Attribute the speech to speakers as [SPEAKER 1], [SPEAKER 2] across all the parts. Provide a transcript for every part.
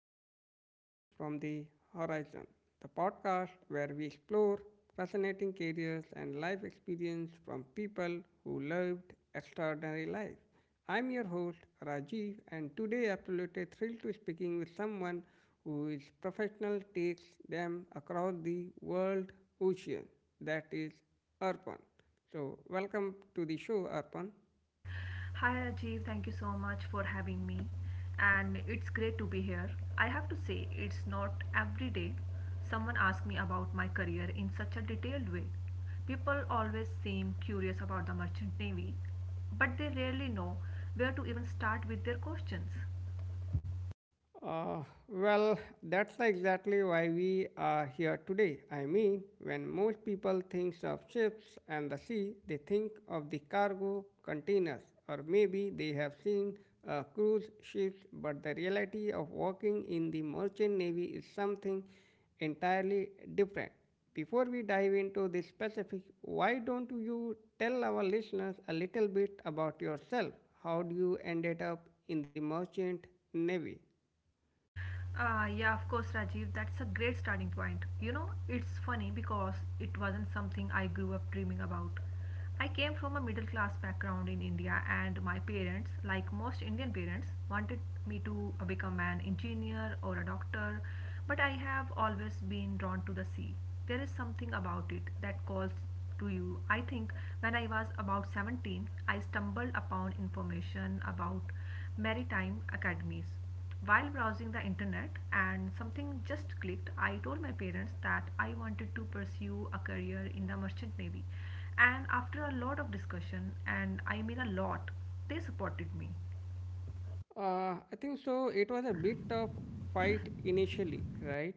[SPEAKER 1] to the Tales from the Horizon, the podcast where we explore fascinating careers and life experience from people who lived extraordinary life. I'm your host Rajiv, and today absolutely thrilled to speaking with someone whose professional takes them across the world ocean, that is Arpan. So, welcome to the show, Arpan.
[SPEAKER 2] Hi Rajiv, thank you so much for having me, and it's great to be here. I have to say, it's not every day someone asks me about my career in such a detailed way. People always seem curious about the merchant navy, but they rarely know where to even start with their questions.
[SPEAKER 1] Uh, well, that's like exactly why we are here today. I mean, when most people think of ships and the sea, they think of the cargo containers, or maybe they have seen cruise ships, but the reality of working in the merchant navy is something entirely different. Before we dive into the specifics, why don't you tell our listeners a little bit about yourself? How do you ended up in the merchant navy?
[SPEAKER 2] Ah, yeah, of course, Rajiv. That's a great starting point. You know, it's funny because it wasn't something I grew up dreaming about. I came from a middle class background in India, and my parents, like most Indian parents, wanted me to become an engineer or a doctor. But I have always been drawn to the sea. There is something about it that calls to you. I think when I was about 17, I stumbled upon information about maritime academies while browsing the internet, and something just clicked. I told my parents that I wanted to pursue a career in the merchant navy, and after a lot of discussion, and I mean a lot, they supported me.
[SPEAKER 1] I think so. It was a bit of fight initially, right?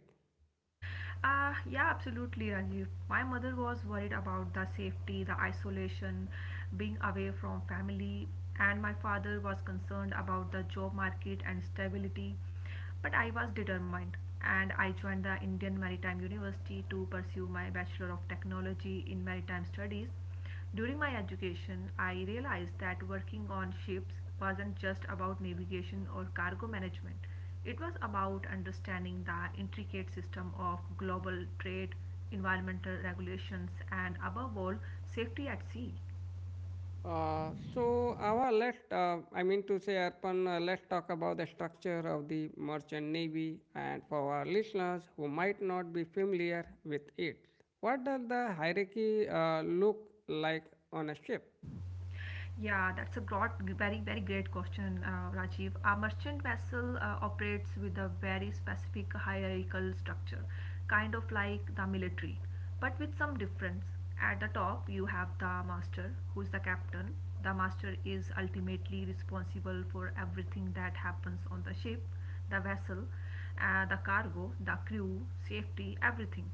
[SPEAKER 2] Yeah, absolutely, Rajiv. My mother was worried about the safety, the isolation, being away from family, and my father was concerned about the job market and stability. But I was determined, and I joined the Indian Maritime University to pursue my Bachelor of Technology in Maritime Studies. During my education, I realized that working on ships wasn't just about navigation or cargo management. It was about understanding the intricate system of global trade, environmental regulations, and above all, safety at sea.
[SPEAKER 1] So our let I mean to say, Arpan, let's talk about the structure of the merchant navy, and for our listeners who might not be familiar with it, what does the hierarchy look like on a ship?
[SPEAKER 2] Yeah, that's a great, very, very great question, Rajiv. A merchant vessel operates with a very specific hierarchical structure, kind of like the military, but with some difference. At the top, you have the master, who's the captain. The master is ultimately responsible for everything that happens on the ship, the vessel, the cargo, the crew, safety, everything.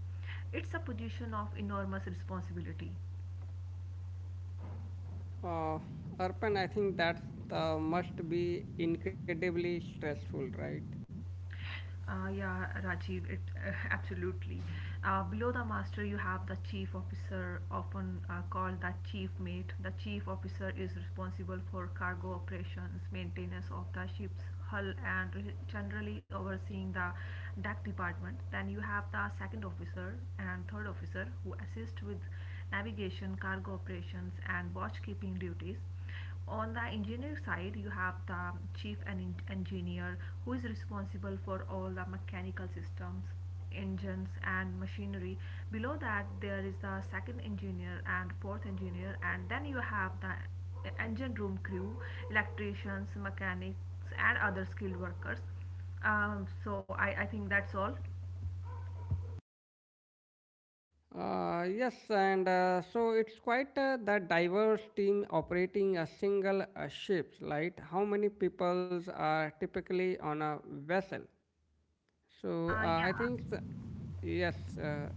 [SPEAKER 2] It's a position of enormous responsibility.
[SPEAKER 1] Uh, Arpan, I think that must be incredibly stressful, right?
[SPEAKER 2] Yeah, Rajiv, absolutely. Below the master, you have the chief officer, often called the chief mate. The chief officer is responsible for cargo operations, maintenance of the ship's hull, and generally overseeing the deck department. Then you have the second officer and third officer who assist with navigation, cargo operations, and watch keeping duties. On the engineer side, you have the chief engineer who is responsible for all the mechanical systems, engines, and machinery. Below that, there is the second engineer and fourth engineer, and then you have the engine room crew, electricians, mechanics, and other skilled workers. So I think that's all.
[SPEAKER 1] Yes, and so it's quite that diverse team operating a single ship, right? How many peoples are typically on a vessel?
[SPEAKER 2] Uh,
[SPEAKER 1] So uh,
[SPEAKER 2] yeah,
[SPEAKER 1] I think, s- yes,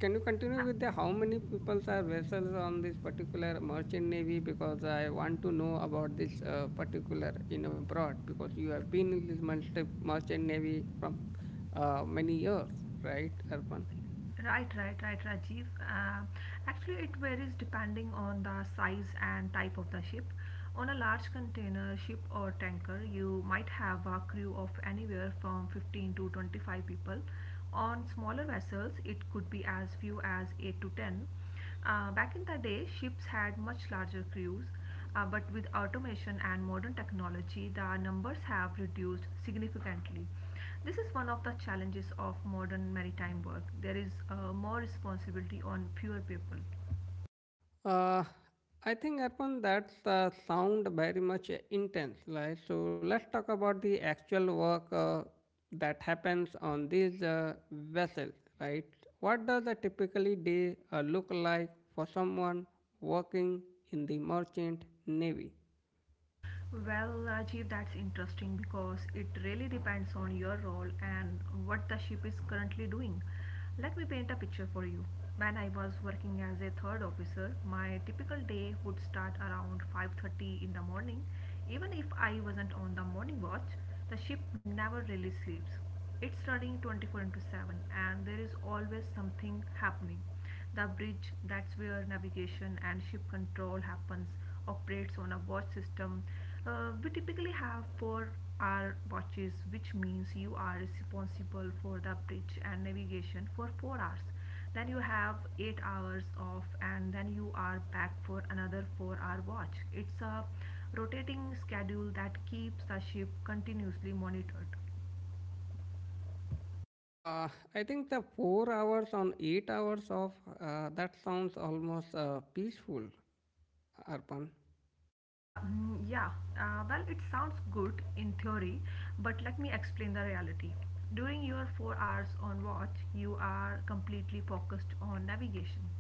[SPEAKER 1] can you continue with the how many peoples are vessels on this particular merchant navy? Because I want to know about this particular in abroad because you have been in this merchant navy from many years, right, Arpan?
[SPEAKER 2] Right, right, right, Rajiv. Actually, it varies depending on the size and type of the ship. On a large container ship or tanker, you might have a crew of anywhere from 15 to 25 people. On smaller vessels, it could be as few as 8 to 10. Back in the day, ships had much larger crews, but with automation and modern technology, the numbers have reduced significantly. This is one of the challenges of modern maritime work. There is more responsibility on fewer people.
[SPEAKER 1] Uh, I think Arpan, that sound very much intense, right? So let's talk about the actual work that happens on these vessels, right? What does a typically day look like for someone working in the merchant navy?
[SPEAKER 2] Well, Rajiv, that's interesting because it really depends on your role and what the ship is currently doing. Let me paint a picture for you. When I was working as a third officer, my typical day would start around 5:30 in the morning. Even if I wasn't on the morning watch, the ship never really sleeps. It's running 24 into 7, and there is always something happening. The bridge, that's where navigation and ship control happens, operates on a watch system. We typically have 4-hour watches, which means you are responsible for the bridge and navigation for 4 hours. Then you have 8 hours off, and then you are back for another 4-hour watch. It's a rotating schedule that keeps the ship continuously monitored.
[SPEAKER 1] Uh, I think the 4 hours on 8 hours of that sounds almost peaceful, Arpan.
[SPEAKER 2] Yeah, well, it sounds good in theory, but let me explain the reality. During your 4 hours on watch, you are completely focused on navigation.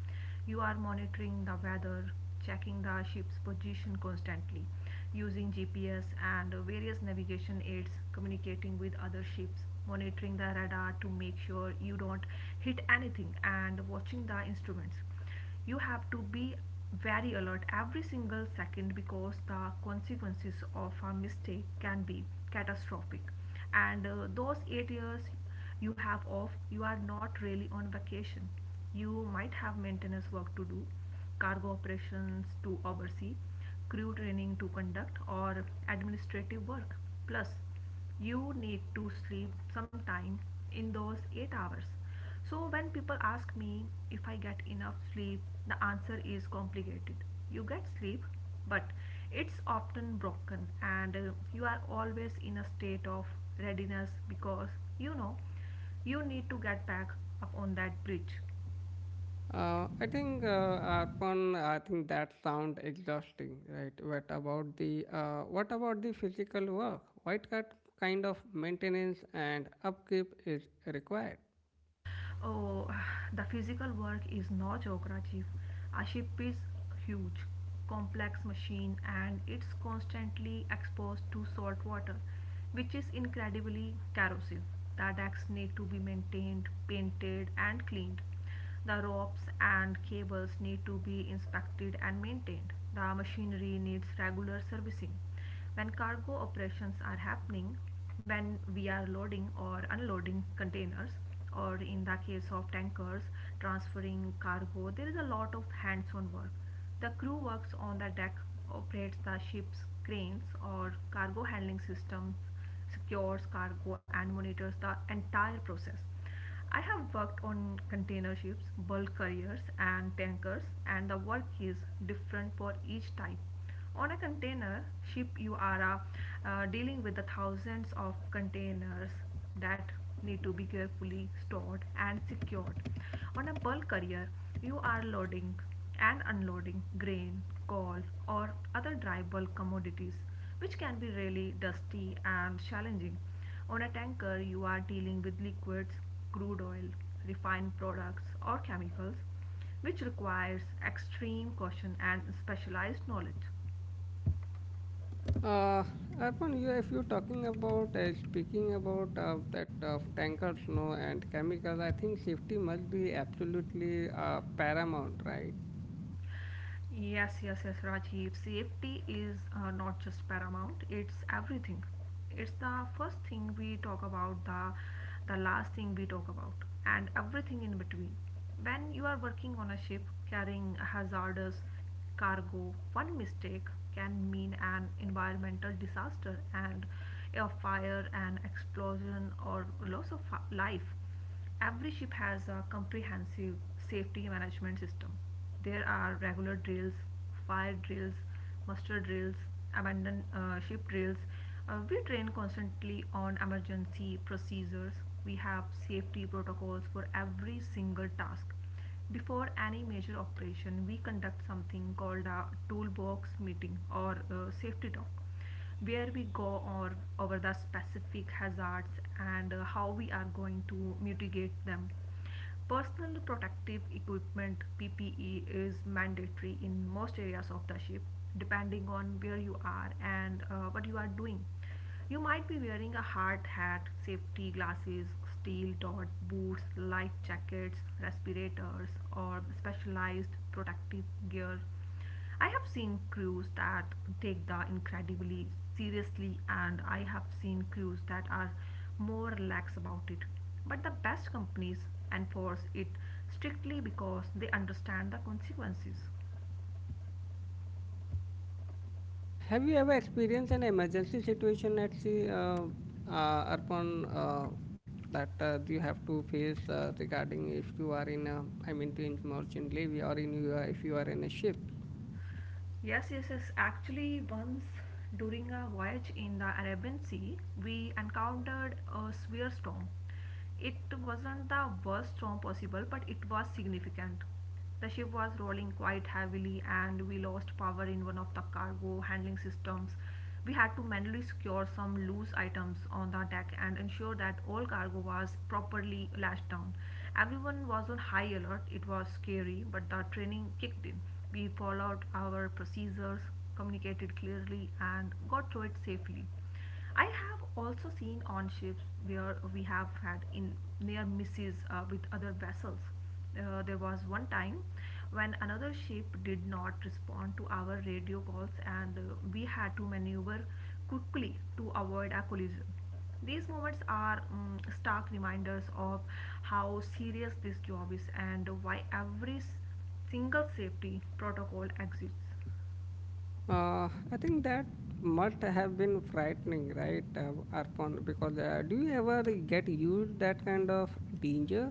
[SPEAKER 2] You are monitoring the weather, checking the ship's position constantly, using GPS and various navigation aids, communicating with other ships, monitoring the radar to make sure you don't hit anything, and watching the instruments. You have to be very alert every single second because the consequences of a mistake can be catastrophic. And those 8 years you have off, you are not really on vacation. You might have maintenance work to do, cargo operations to oversee, crew training to conduct, or administrative work. Plus, you need to sleep sometime in those 8 hours. So when people ask me if I get enough sleep, the answer is complicated. You get sleep, but it's often broken, and you are always in a state of readiness because you know you need to get back up on that bridge.
[SPEAKER 1] Uh, I think, uh, Arpan, I think that sound exhausting, right? What about the physical work? What kind of maintenance and upkeep is required?
[SPEAKER 2] Oh, the physical work is no joke, Rajiv. A ship is huge, complex machine, and it's constantly exposed to salt water, which is incredibly corrosive. The decks need to be maintained, painted and cleaned. The ropes and cables need to be inspected and maintained. The machinery needs regular servicing. When cargo operations are happening, when we are loading or unloading containers, or in the case of tankers transferring cargo, there is a lot of hands-on work. The crew works on the deck, operates the ship's cranes or cargo handling systems, secures cargo, and monitors the entire process. I have worked on container ships, bulk carriers, and tankers, and the work is different for each type. On a container ship, you are dealing with the thousands of containers that need to be carefully stored and secured. On a bulk carrier, you are loading and unloading grain, coal, or other dry bulk commodities, which can be really dusty and challenging. On a tanker, you are dealing with liquids: crude oil, refined products, or chemicals, which requires extreme caution and specialized knowledge.
[SPEAKER 1] Uh, Arpan, you, if you're talking about speaking about that of tankers, no, and chemicals, I think safety must be absolutely paramount, right?
[SPEAKER 2] Yes, yes, yes, Rajiv. Safety is not just paramount, it's everything. It's the first thing we talk about, the last thing we talk about, and everything in between. When you are working on a ship carrying hazardous cargo, one mistake can mean an environmental disaster and a fire, an explosion, or loss of life. Every ship has a comprehensive safety management system. There are regular drills, fire drills, muster drills, abandoned ship drills. We train constantly on emergency procedures. We have safety protocols for every single task. Before any major operation, we conduct something called a toolbox meeting or safety talk where we go or over the specific hazards and how we are going to mitigate them. Personal protective equipment PPE is mandatory in most areas of the ship, depending on where you are and what you are doing. You might be wearing a hard hat, safety glasses, steel toed boots, life jackets, respirators, or specialized protective gear. I have seen crews that take the incredibly seriously, and I have seen crews that are more lax about it. But the best companies enforce it strictly because they understand the consequences.
[SPEAKER 1] Have you ever experienced an emergency situation at sea, Arpan? That you have to face regarding if you are in a I mean to in merchant navy or in you are, if you are in a ship.
[SPEAKER 2] Yes, yes, yes. Actually, once during a voyage in the Arabian Sea, we encountered a severe storm. It wasn't the worst storm possible, but it was significant. The ship was rolling quite heavily, and we lost power in one of the cargo handling systems. We had to manually secure some loose items on the deck and ensure that all cargo was properly lashed down. Everyone was on high alert. It was scary, but the training kicked in. We followed our procedures, communicated clearly, and got through it safely. I have also seen on ships where we have had in near misses with other vessels. There was one time when another ship did not respond to our radio calls, and we had to maneuver quickly to avoid a collision. These moments are stark reminders of how serious this job is and why every single safety protocol exists.
[SPEAKER 1] I think that must have been frightening, right, Arpon? Because do you ever get used that kind of danger?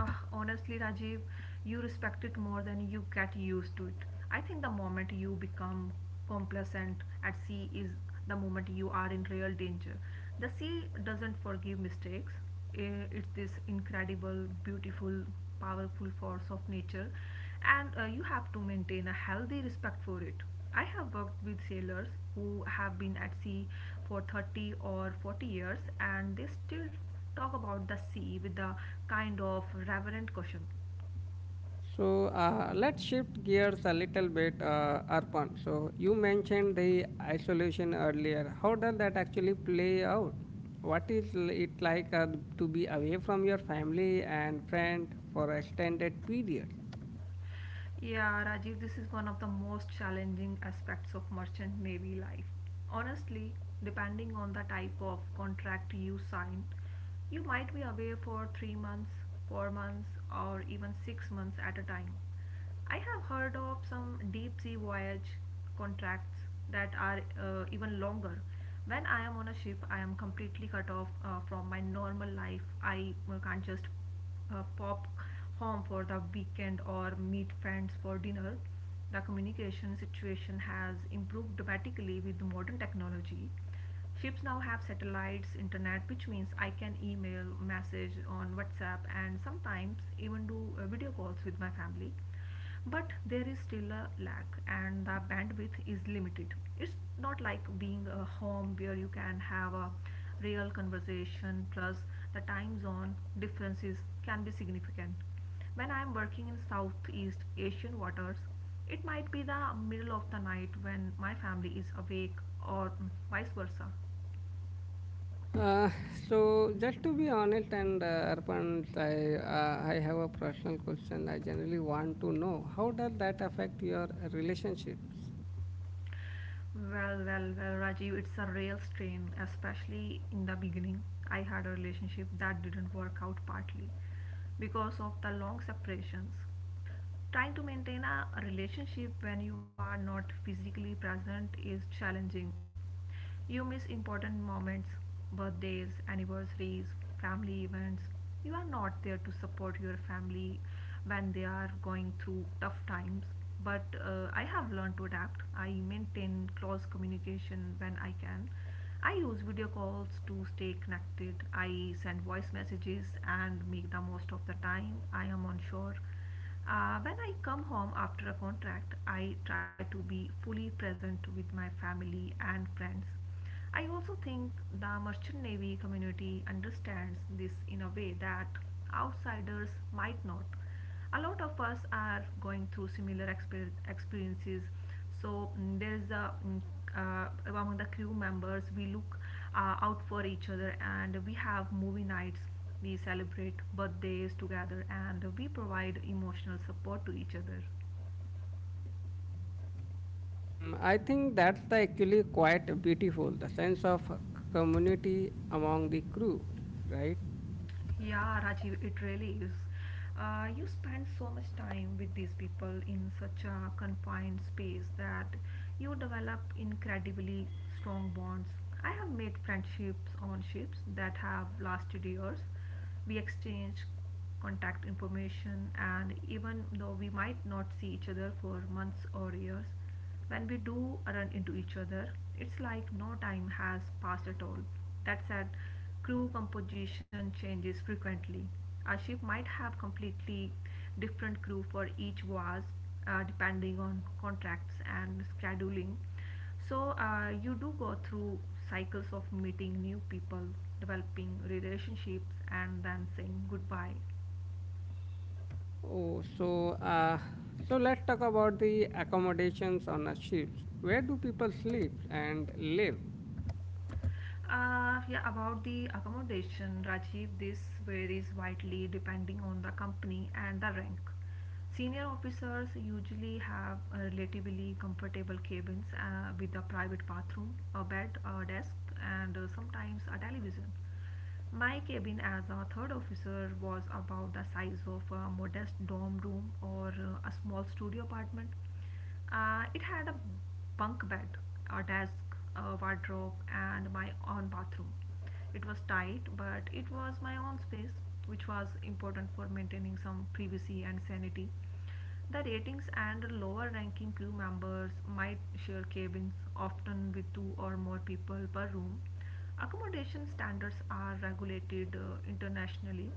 [SPEAKER 2] Ah, honestly, Rajiv, you respect it more than you get used to it. I think the moment you become complacent at sea is the moment you are in real danger. The sea doesn't forgive mistakes. It's this incredible, beautiful, powerful force of nature, and you have to maintain a healthy respect for it. I have worked with sailors who have been at sea for 30 or 40 years, and they still talk about the sea with a kind of reverent caution.
[SPEAKER 1] So let's shift gears a little bit, Arpan. So you mentioned the isolation earlier. How does that actually play out? What is it like to be away from your family and friend for extended period?
[SPEAKER 2] Yeah, Rajiv, this is one of the most challenging aspects of merchant navy life. Honestly, depending on the type of contract you sign, you might be away for 3 months, 4 months, or even 6 months at a time. I have heard of some deep sea voyage contracts that are even longer. When I am on a ship, I am completely cut off from my normal life. I can't just pop home for the weekend or meet friends for dinner. The communication situation has improved dramatically with modern technology. Ships now have satellites, internet, which means I can email, message on WhatsApp, and sometimes even do video calls with my family, but there is still a lag, and the bandwidth is limited. It's not like being a home where you can have a real conversation. Plus, the time zone differences can be significant. When I am working in southeast asian waters, it might be the middle of the night when my family is awake, or vice versa.
[SPEAKER 1] Uh, so just to be honest and Arpan, I have a personal question. I generally want to know how does that affect your relationships?
[SPEAKER 2] Well, Rajiv, it's a real strain, especially in the beginning. I had a relationship that didn't work out partly because of the long separations. Trying to maintain a relationship when you are not physically present is challenging. You miss important moments, birthdays, anniversaries, family events. You are not there to support your family when they are going through tough times. But I have learned to adapt. I maintain close communication when I can. I use video calls to stay connected. I send voice messages and make the most of the time I am on shore. When I come home after a contract, I try to be fully present with my family and friends. I also think the merchant navy community understands this in a way that outsiders might not. A lot of us are going through similar experiences, so mm, there's a mm, among the crew members, we look out for each other, and we have movie nights, we celebrate birthdays together, and we provide emotional support to each other.
[SPEAKER 1] Mm, I think that's the actually quite beautiful, the sense of community among the crew, right?
[SPEAKER 2] Yeah, Rajiv, it really is. You spend so much time with these people in such a confined space that you develop incredibly strong bonds. I have made friendships on ships that have lasted years. We exchange contact information, and even though we might not see each other for months or years, when we do run into each other, it's like no time has passed at all. That said, crew composition changes frequently. A ship might have completely different crew for each vase, depending on contracts and scheduling. So you do go through cycles of meeting new people, developing relationships, and then saying goodbye.
[SPEAKER 1] Oh, so uh, so let's talk about the accommodations on a ship. Where do people sleep and live?
[SPEAKER 2] Yeah, about the accommodation, Rajiv, this varies widely depending on the company and the rank. Senior officers usually have relatively comfortable cabins with a private bathroom, a bed, a desk, and sometimes a television. My cabin as a third officer was about the size of a modest dorm room or a small studio apartment. It had a bunk bed, a desk, a wardrobe, and my own bathroom. It was tight, but it was my own space, which was important for maintaining some privacy and sanity. The ratings and lower ranking crew members might share cabins, often with two or more people per room. Accommodation standards are regulated internationally.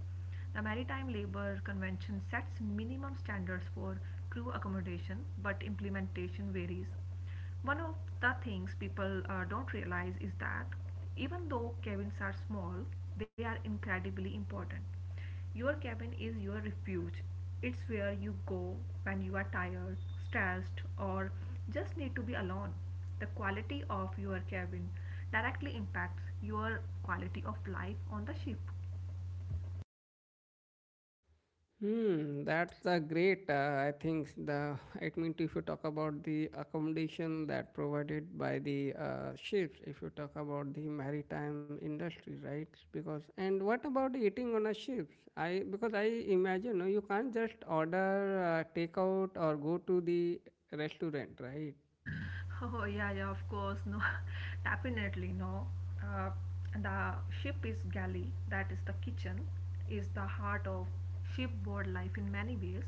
[SPEAKER 2] The Maritime Labour Convention sets minimum standards for crew accommodation, but implementation varies. One of the things people don't realize is that even though cabins are small, they are incredibly important. Your cabin is your refuge. It's where you go when you are tired, stressed, or just need to be alone. The quality of your cabin directly impacts your quality of life on the ship.
[SPEAKER 1] Hmm, that's a great. I think the I mean if you talk about the accommodation that provided by the ships, if you talk about the maritime industry, right? Because and what about eating on a ship? I because I imagine no, you can't just order takeout or go to the restaurant, right?
[SPEAKER 2] Oh, yeah, yeah, of course, no, definitely no. Uh, the ship is galley, that is the kitchen, is the heart of shipboard life in many ways.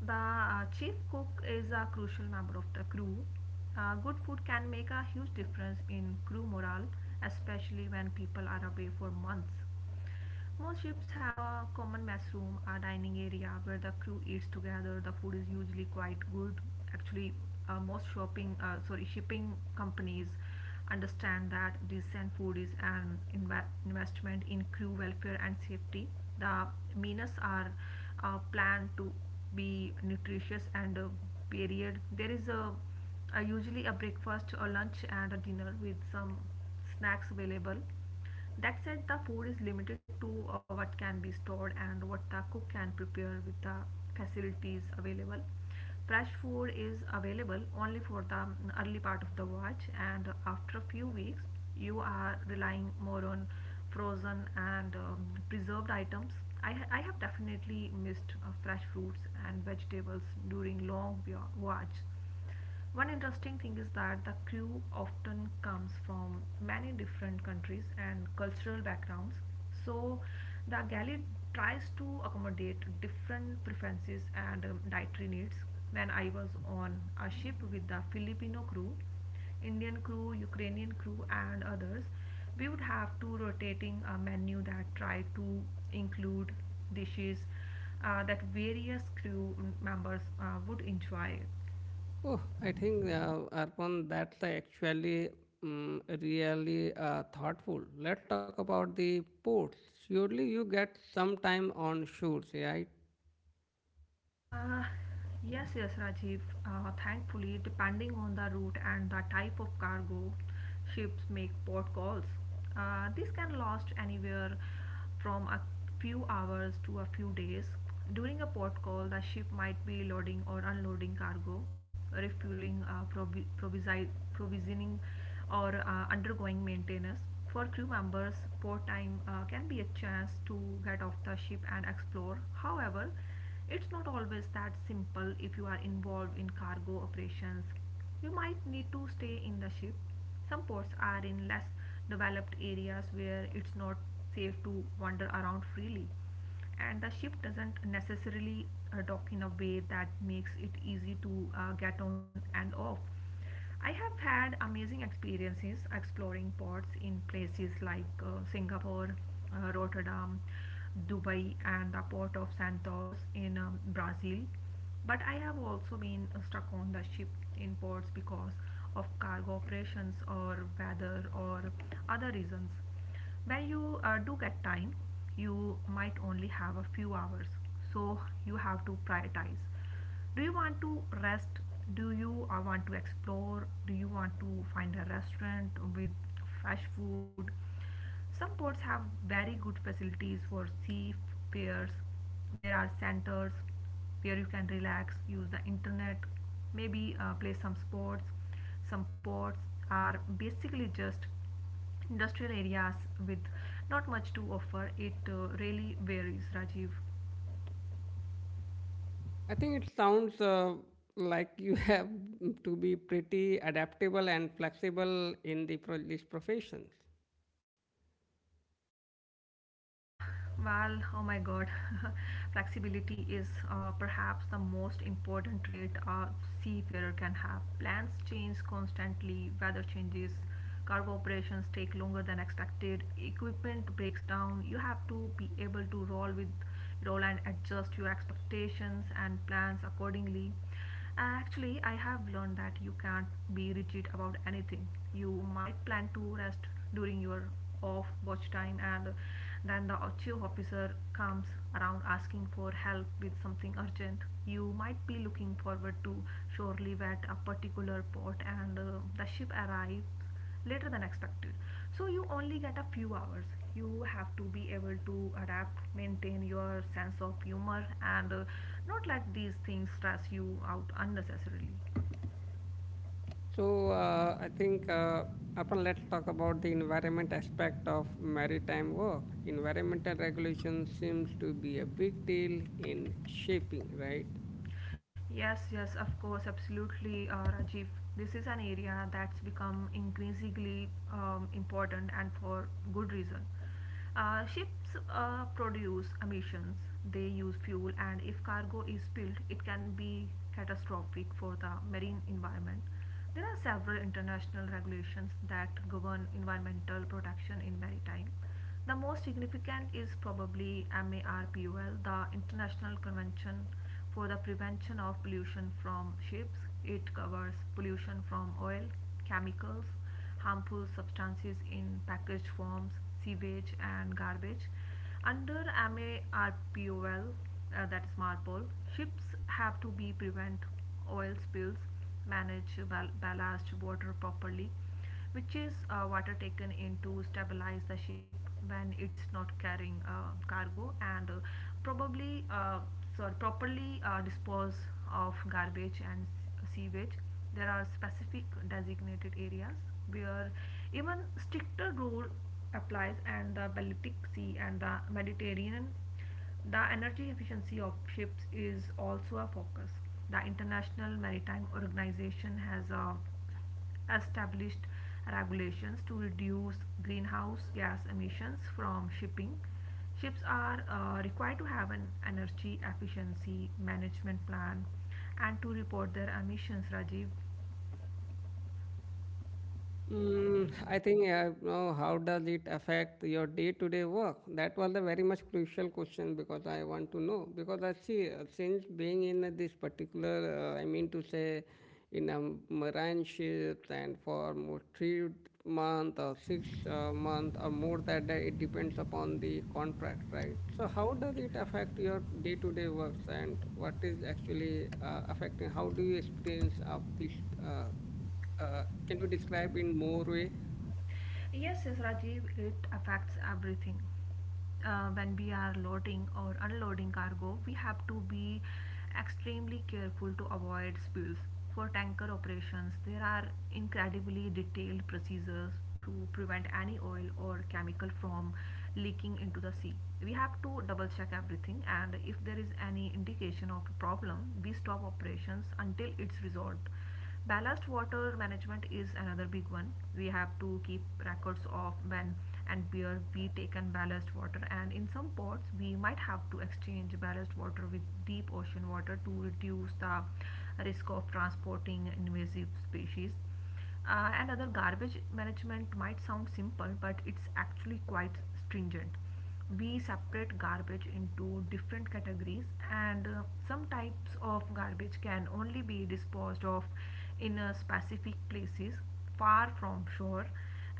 [SPEAKER 2] The chief cook is a crucial member of the crew. Good food can make a huge difference in crew morale, especially when people are away for months. Most ships have a common mess room, a dining area where the crew eats together. The food is usually quite good. Actually, most shipping companies understand that decent food is an investment in crew welfare and safety. The meals are planned to be nutritious and varied. There is a usually a breakfast, a lunch, and a dinner with some snacks available. That said, the food is limited to what can be stored and what the cook can prepare with the facilities available. Fresh food is available only for the early part of the watch, and after a few weeks, you are relying more on frozen and preserved items. I have definitely missed fresh fruits and vegetables during long watch. One interesting thing is that the crew often comes from many different countries and cultural backgrounds, so the galley tries to accommodate different preferences and dietary needs. When I was on a ship with the Filipino crew, Indian crew, Ukrainian crew, and others, we would have to rotating a menu that try to include dishes that various crew members would enjoy.
[SPEAKER 1] Oh, I think Arpan, that's actually really thoughtful. Let's talk about the ports. Surely you get some time on shoots, right?
[SPEAKER 2] Uh, yes, yes, Rajiv. Thankfully, depending on the route and the type of cargo, ships make port calls. This can last anywhere from a few hours to a few days. During a port call, the ship might be loading or unloading cargo, refueling, provisioning, or undergoing maintenance. For crew members, port time can be a chance to get off the ship and explore. However, it's not always that simple. If you are involved in cargo operations, you might need to stay in the ship. Some ports are in less developed areas where it's not safe to wander around freely, and the ship doesn't necessarily dock in a way that makes it easy to get on and off. I have had amazing experiences exploring ports in places like Singapore, Rotterdam, Dubai, and the port of Santos in Brazil. But I have also been stuck on the ship in ports because of cargo operations or weather or other reasons. When you do get time, you might only have a few hours, so you have to prioritize. Do you want to rest, do you want to explore, do you want to find a restaurant with fresh food? Some ports have very good facilities for seafarers. There are centers where you can relax, use the internet, maybe play some sports. Some ports are basically just industrial areas with not much to offer. It really varies, Rajiv.
[SPEAKER 1] I think it sounds like you have to be pretty adaptable and flexible in the this profession.
[SPEAKER 2] Well, oh my god, flexibility is perhaps the most important trait a seafarer can have. Plans change constantly, weather changes, cargo operations take longer than expected, equipment breaks down. You have to be able to roll and adjust your expectations and plans accordingly. Actually, I have learned that you can't be rigid about anything. You might plan to rest during your off watch time, and then the chief officer comes around asking for help with something urgent. You might be looking forward to shore leave at a particular port, and the ship arrives later than expected, so you only get a few hours. You have to be able to adapt, maintain your sense of humor, and not let these things stress you out unnecessarily.
[SPEAKER 1] So, I think upon let's talk about the environment aspect of maritime work. Environmental regulation seems to be a big deal in shipping, right?
[SPEAKER 2] Yes, yes, of course, absolutely, Rajiv. This is an area that's become increasingly important, and for good reason. Ships produce emissions, they use fuel, and if cargo is spilled, it can be catastrophic for the marine environment. There are several international regulations that govern environmental protection in maritime. The most significant is probably MARPOL, the International Convention for the Prevention of Pollution from Ships. It covers pollution from oil, chemicals, harmful substances in packaged forms, sewage, and garbage. Under MARPOL, that is MARPOL, ships have to be prevent oil spills, manage ballast water properly, which is water taken in to stabilize the ship when it's not carrying cargo, and probably uh, properly dispose of garbage and sewage. There are specific designated areas where even stricter rule applies, and the Baltic Sea and the Mediterranean, the energy efficiency of ships is also a focus. The International Maritime Organization has established regulations to reduce greenhouse gas emissions from shipping. Ships are required to have an energy efficiency management plan and to report their emissions. Rajiv,
[SPEAKER 1] Mm, I think yeah, I know how does it affect your day-to-day work? That was a very much crucial question because I want to know. Because I see, since being in this particular, I mean to say, in a marine ship and for more 3 month or six month or more that it depends upon the contract, right? So how does it affect your day-to-day works and what is actually affecting? How do you experience of this? Uh, can you describe in more way?
[SPEAKER 2] yes, yes, Rajiv, it affects everything. When we are loading or unloading cargo, we have to be extremely careful to avoid spills. For tanker operations, there are incredibly detailed procedures to prevent any oil or chemical from leaking into the sea. We have to double check everything, and if there is any indication of a problem, we stop operations until it's resolved. Ballast water management is another big one. We have to keep records of when and where we taken ballast water, and in some ports we might have to exchange ballast water with deep ocean water to reduce the risk of transporting invasive species. And other garbage management might sound simple, but it's actually quite stringent. We separate garbage into different categories, and some types of garbage can only be disposed of in specific places far from shore,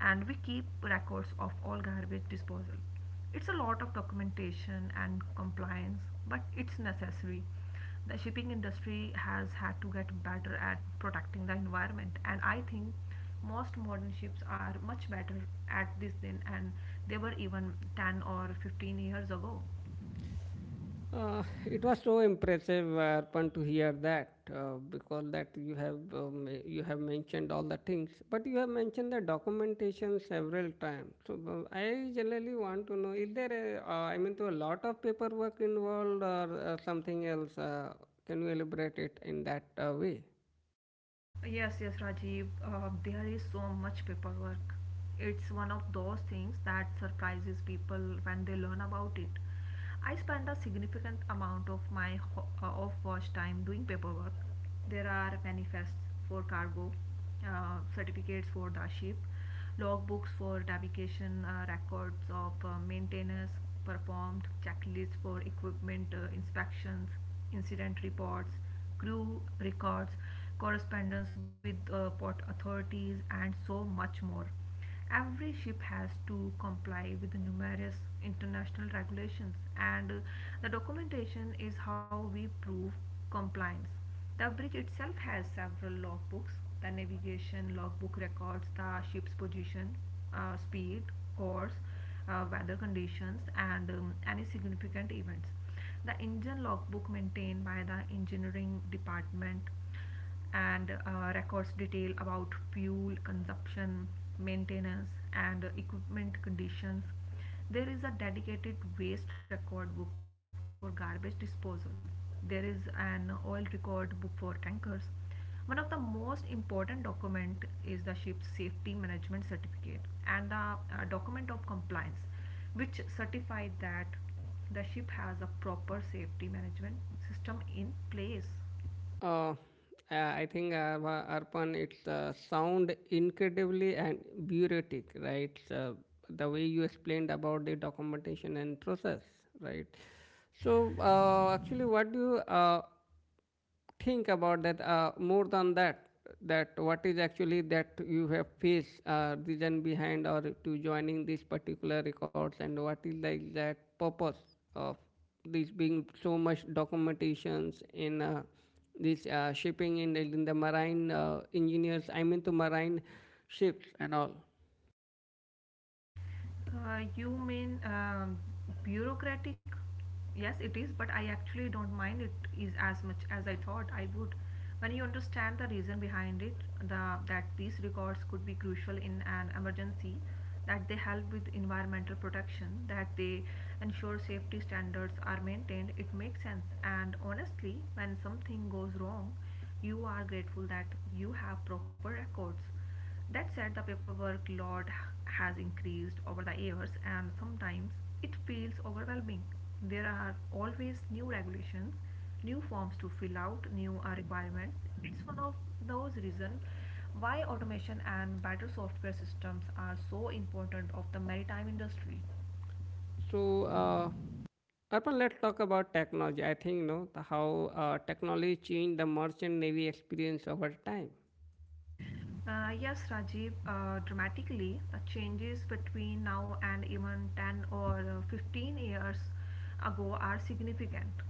[SPEAKER 2] and we keep records of all garbage disposal. It's a lot of documentation and compliance, but it's necessary. The shipping industry has had to get better at protecting the environment, and I think most modern ships are much better at this than and they were even 10 or 15 years ago.
[SPEAKER 1] It was so impressive, Arpan, to hear that because that you have mentioned all the things, but you have mentioned the documentation several times. So I generally want to know: is there a, I mean, to a lot of paperwork involved or something else? Can you elaborate it in that way?
[SPEAKER 2] Yes, yes, Rajiv. There is so much paperwork. It's one of those things that surprises people when they learn about it. I spend a significant amount of my of watch time doing paperwork. There are manifests for cargo, certificates for the ship, logbooks for navigation, records of maintenance performed, checklists for equipment inspections, incident reports, crew records, correspondence with port authorities, and so much more. Every ship has to comply with numerous international regulations, and the documentation is how we prove compliance. The bridge itself has several logbooks. The navigation logbook records the ship's position, speed, course, weather conditions, and any significant events. The engine logbook maintained by the engineering department and records detail about fuel consumption, maintenance, and equipment conditions. There is a dedicated waste record book for garbage disposal. There is an oil record book for tankers. One of the most important document is the ship's safety management certificate and the document of compliance, which certify that the ship has a proper safety management system in place.
[SPEAKER 1] Uh, Arpan, it's sound incredibly and bureaucratic, right? So the way you explained about the documentation and process, right? So actually, what do you think about that more than that what is actually that you have faced reason behind or to joining this particular records and what is the exact purpose of this being so much documentations in this shipping and in the marine engineers I mean to marine ships and all.
[SPEAKER 2] You mean bureaucratic? Yes, it is, but I actually don't mind it is as much as I thought I would. When you understand the reason behind it, the that these records could be crucial in an emergency, that they help with environmental protection, that they ensure safety standards are maintained, it makes sense. And honestly, when something goes wrong, you are grateful that you have proper records. That said, the paperwork load has increased over the years, and sometimes it feels overwhelming. There are always new regulations, new forms to fill out, new requirements. It's one of those reasons why automation and better software systems are so important of the maritime industry.
[SPEAKER 1] So Arpan, let's talk about technology. I think you know how technology changed the merchant navy experience over time.
[SPEAKER 2] Yes, Rajiv, dramatically, the changes between now and even 10 or 15 years ago are significant.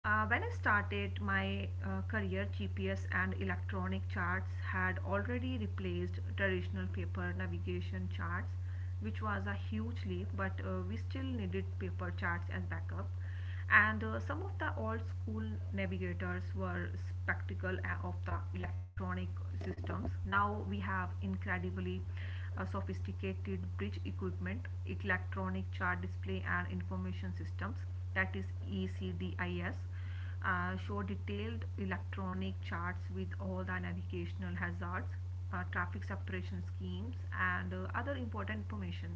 [SPEAKER 2] When I started my career, GPS and electronic charts had already replaced traditional paper navigation charts, which was a huge leap, but we still needed paper charts as backup. And some of the old school navigators were skeptical of the electronic systems. Now we have incredibly sophisticated bridge equipment, electronic chart display, and information systems, that is ECDIS, show detailed electronic charts with all the navigational hazards, traffic separation schemes, and other important information.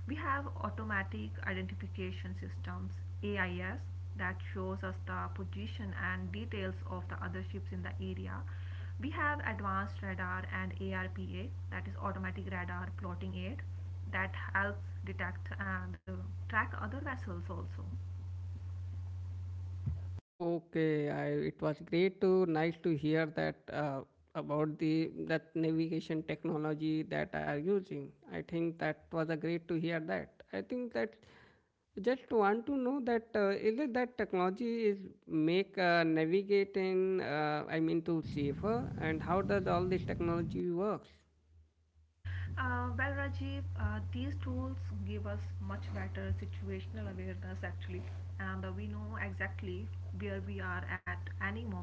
[SPEAKER 2] We have automatic identification systems, AIS, that shows us the position and details of the other ships in the area. We have advanced radar and ARPA, that is automatic radar plotting aid, that helps detect and track other vessels also.
[SPEAKER 1] Okay, I, it was great to nice to hear that about the that navigation technology that are using. I think that was a great to hear that. I think that just want to know that is it that technology is make navigating I mean to safer and how does all this technology works?
[SPEAKER 2] Well, Rajiv, these tools give us much better situational awareness actually, and we know exactly where we are at any moment.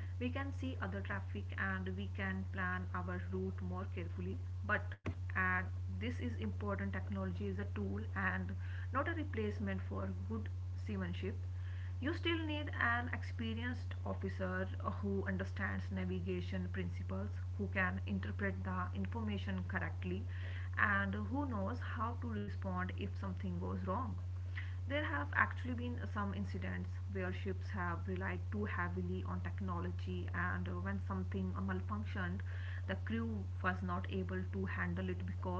[SPEAKER 2] We can see other traffic, and we can plan our route more carefully. But and this is important, technology is a tool and not a replacement for good seamanship. You still need an experienced officer who understands navigation principles, who can interpret the information correctly, and who knows how to respond if something goes wrong. There have actually been some incidents where ships have relied too heavily on technology, and when something malfunctioned, the crew was not able to handle it because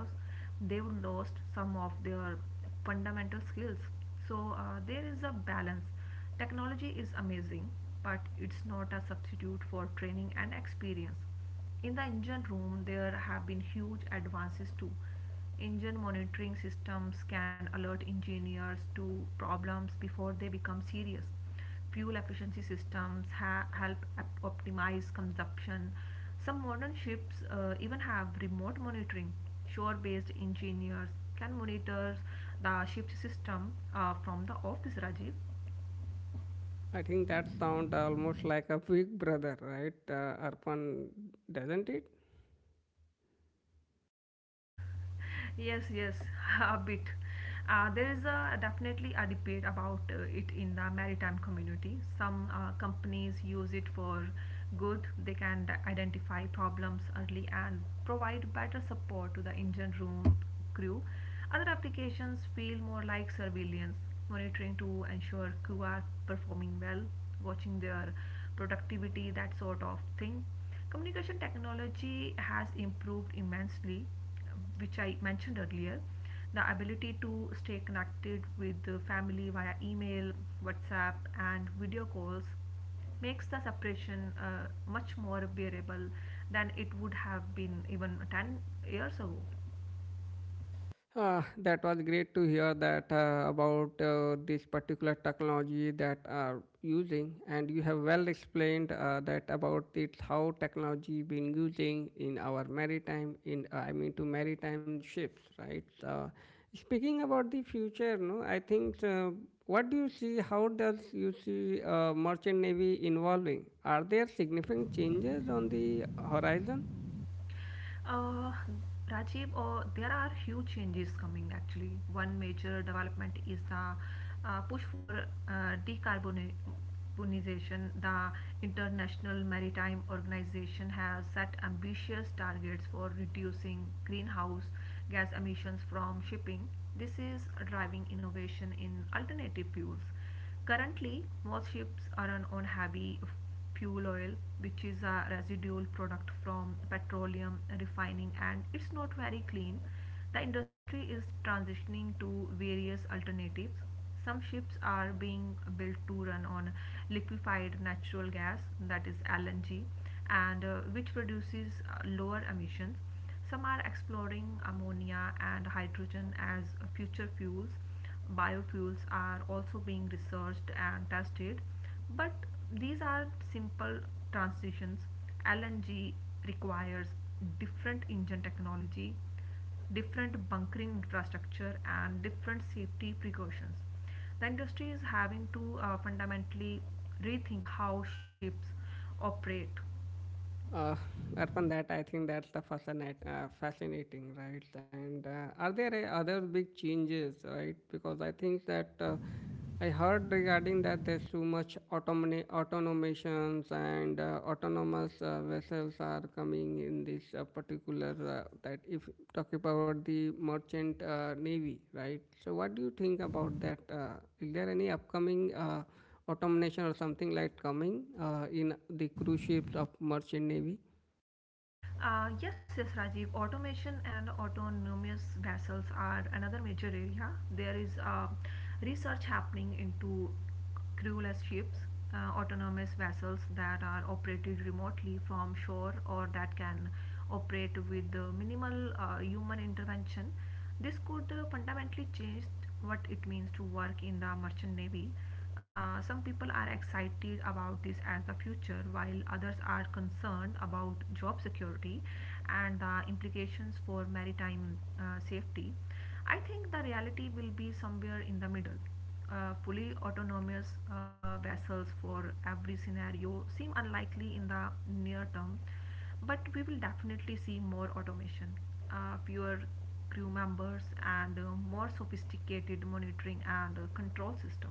[SPEAKER 2] they lost some of their fundamental skills. So there is a balance. Technology is amazing, but it's not a substitute for training and experience. In the engine room, there have been huge advances too. Engine monitoring systems can alert engineers to problems before they become serious. Fuel efficiency systems help optimize consumption. Some modern ships even have remote monitoring. Shore based engineers can monitor the ship's system from the office, Rajiv.
[SPEAKER 1] I think that sound almost like a big brother, right? Arpan, doesn't it?
[SPEAKER 2] Yes, yes, a bit. There is a definitely a debate about it in the maritime community. Some companies use it for good. They can identify problems early and provide better support to the engine room crew. Other applications feel more like surveillance, monitoring to ensure crew are performing well, watching their productivity, that sort of thing. Communication technology has improved immensely, which I mentioned earlier. The ability to stay connected with the family via email, WhatsApp, and video calls makes the separation much more bearable than it would have been even 10 years ago.
[SPEAKER 1] That was great to hear that about this particular technology that are using, and you have well explained that about it how technology been using in our maritime in I mean to maritime ships, right? Speaking about the future, no, I think what do you see? How does you see merchant navy evolving? Are there significant changes on the horizon?
[SPEAKER 2] Uh, Rajiv, there are huge changes coming actually. One major development is the push for decarbonization. The International Maritime Organization has set ambitious targets for reducing greenhouse gas emissions from shipping. This is driving innovation in alternative fuels. Currently, most ships are on heavy fuel oil, which is a residual product from petroleum refining, and it's not very clean. The industry is transitioning to various alternatives. Some ships are being built to run on liquefied natural gas, that is LNG, and which produces lower emissions. Some are exploring ammonia and hydrogen as future fuels. Biofuels are also being researched and tested, but these are simple transitions. LNG requires different engine technology, different bunkering infrastructure, and different safety precautions. The industry is having to fundamentally rethink how ships operate.
[SPEAKER 1] Uh, Upon that, I think that's the fascinating, right? And are there other big changes, right? Because I think that I heard regarding that there's too much automations and autonomous vessels are coming in this particular that if talking about the merchant navy, right? So what do you think about that? Is there any upcoming automation or something like coming in the cruise ships of merchant navy.
[SPEAKER 2] Yes, yes, Rajiv. Automation and autonomous vessels are another major area. There is research happening into crewless ships, autonomous vessels that are operated remotely from shore or that can operate with minimal human intervention. This could fundamentally change what it means to work in the merchant navy. Some people are excited about this as the future, while others are concerned about job security and the implications for maritime safety. I think the reality will be somewhere in the middle. Fully autonomous vessels for every scenario seem unlikely in the near term, but we will definitely see more automation, fewer crew members, and more sophisticated monitoring and control system.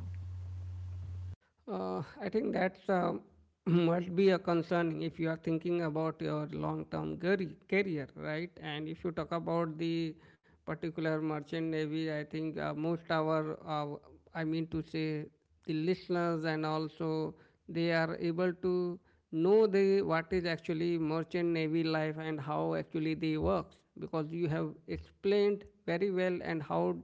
[SPEAKER 1] I think that's must be a concern if you are thinking about your long-term career, right? And if you talk about the particular merchant navy, I think most our, I mean to say, the listeners and also they are able to know the what is actually merchant navy life and how actually they works because you have explained very well and how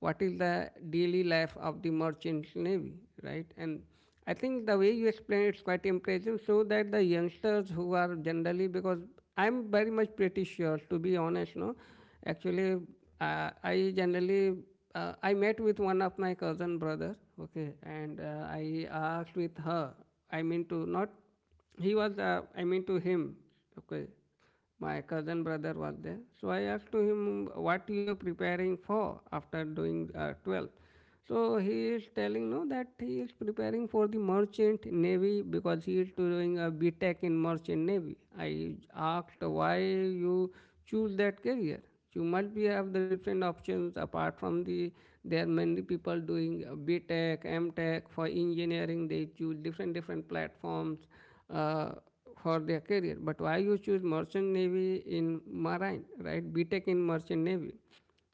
[SPEAKER 1] what is the daily life of the merchant navy, right? And I think the way you explain it's quite impressive. So that the youngsters who are generally because I'm very much pretty sure to be honest, no. Actually, I generally I met with one of my cousin brother, okay, and I asked with her. I mean to not he was I mean to him, okay. My cousin brother was there. So I asked to him, "What you are preparing for after doing 12th?" So he is telling no that he is preparing for the merchant navy because he is doing a B Tech in merchant navy. I asked why you choose that career. You must be have the different options apart from the there are many people doing B Tech, M Tech for engineering. They choose different different platforms. Uh, for their career. But why you choose merchant navy in marine, right? BTEC in merchant navy.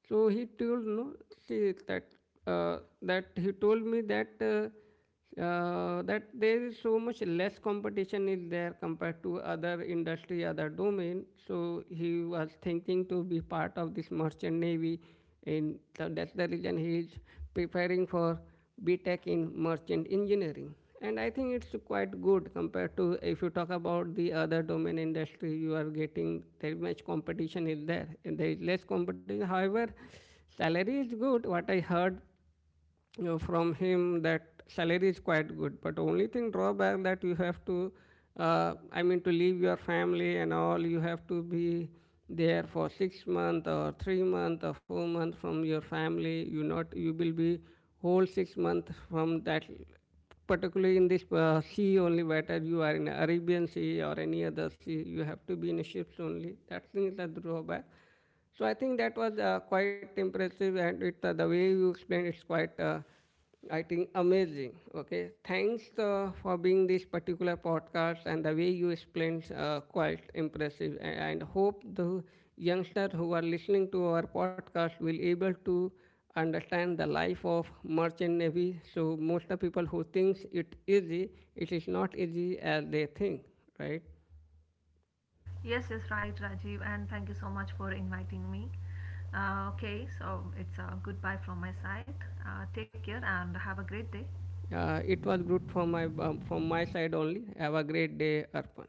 [SPEAKER 1] So he told no that that he told me that that there is so much less competition is there compared to other industry, other domain. So he was thinking to be part of this merchant navy, and so that's the reason he is preparing for BTech in merchant engineering. And I think it's quite good compared to if you talk about the other domain industry, you are getting very much competition is there, and there is less competition. However, salary is good. What I heard you know, from him that salary is quite good but only thing drawback that you have to I mean to leave your family and all you have to be there for 6 months or 3 months or 4 months from your family you not you will be whole 6 months from that particularly in this sea only whether you are in Arabian Sea or any other sea you have to be in ships only that thing is a drawback. So I think that was quite impressive, and it the way you explained it's quite. I think amazing. Okay, thanks for being this particular podcast and the way you explained quite impressive. And hope the youngsters who are listening to our podcast will able to understand the life of merchant navy. So most of people who thinks it easy, it is not easy as they think, right?
[SPEAKER 2] Yes, yes, right, Rajiv, and thank you so much for inviting me. Okay, so it's a goodbye from my side. Take care and have a great day.
[SPEAKER 1] It was good from my side only. Have a great day, Arpan.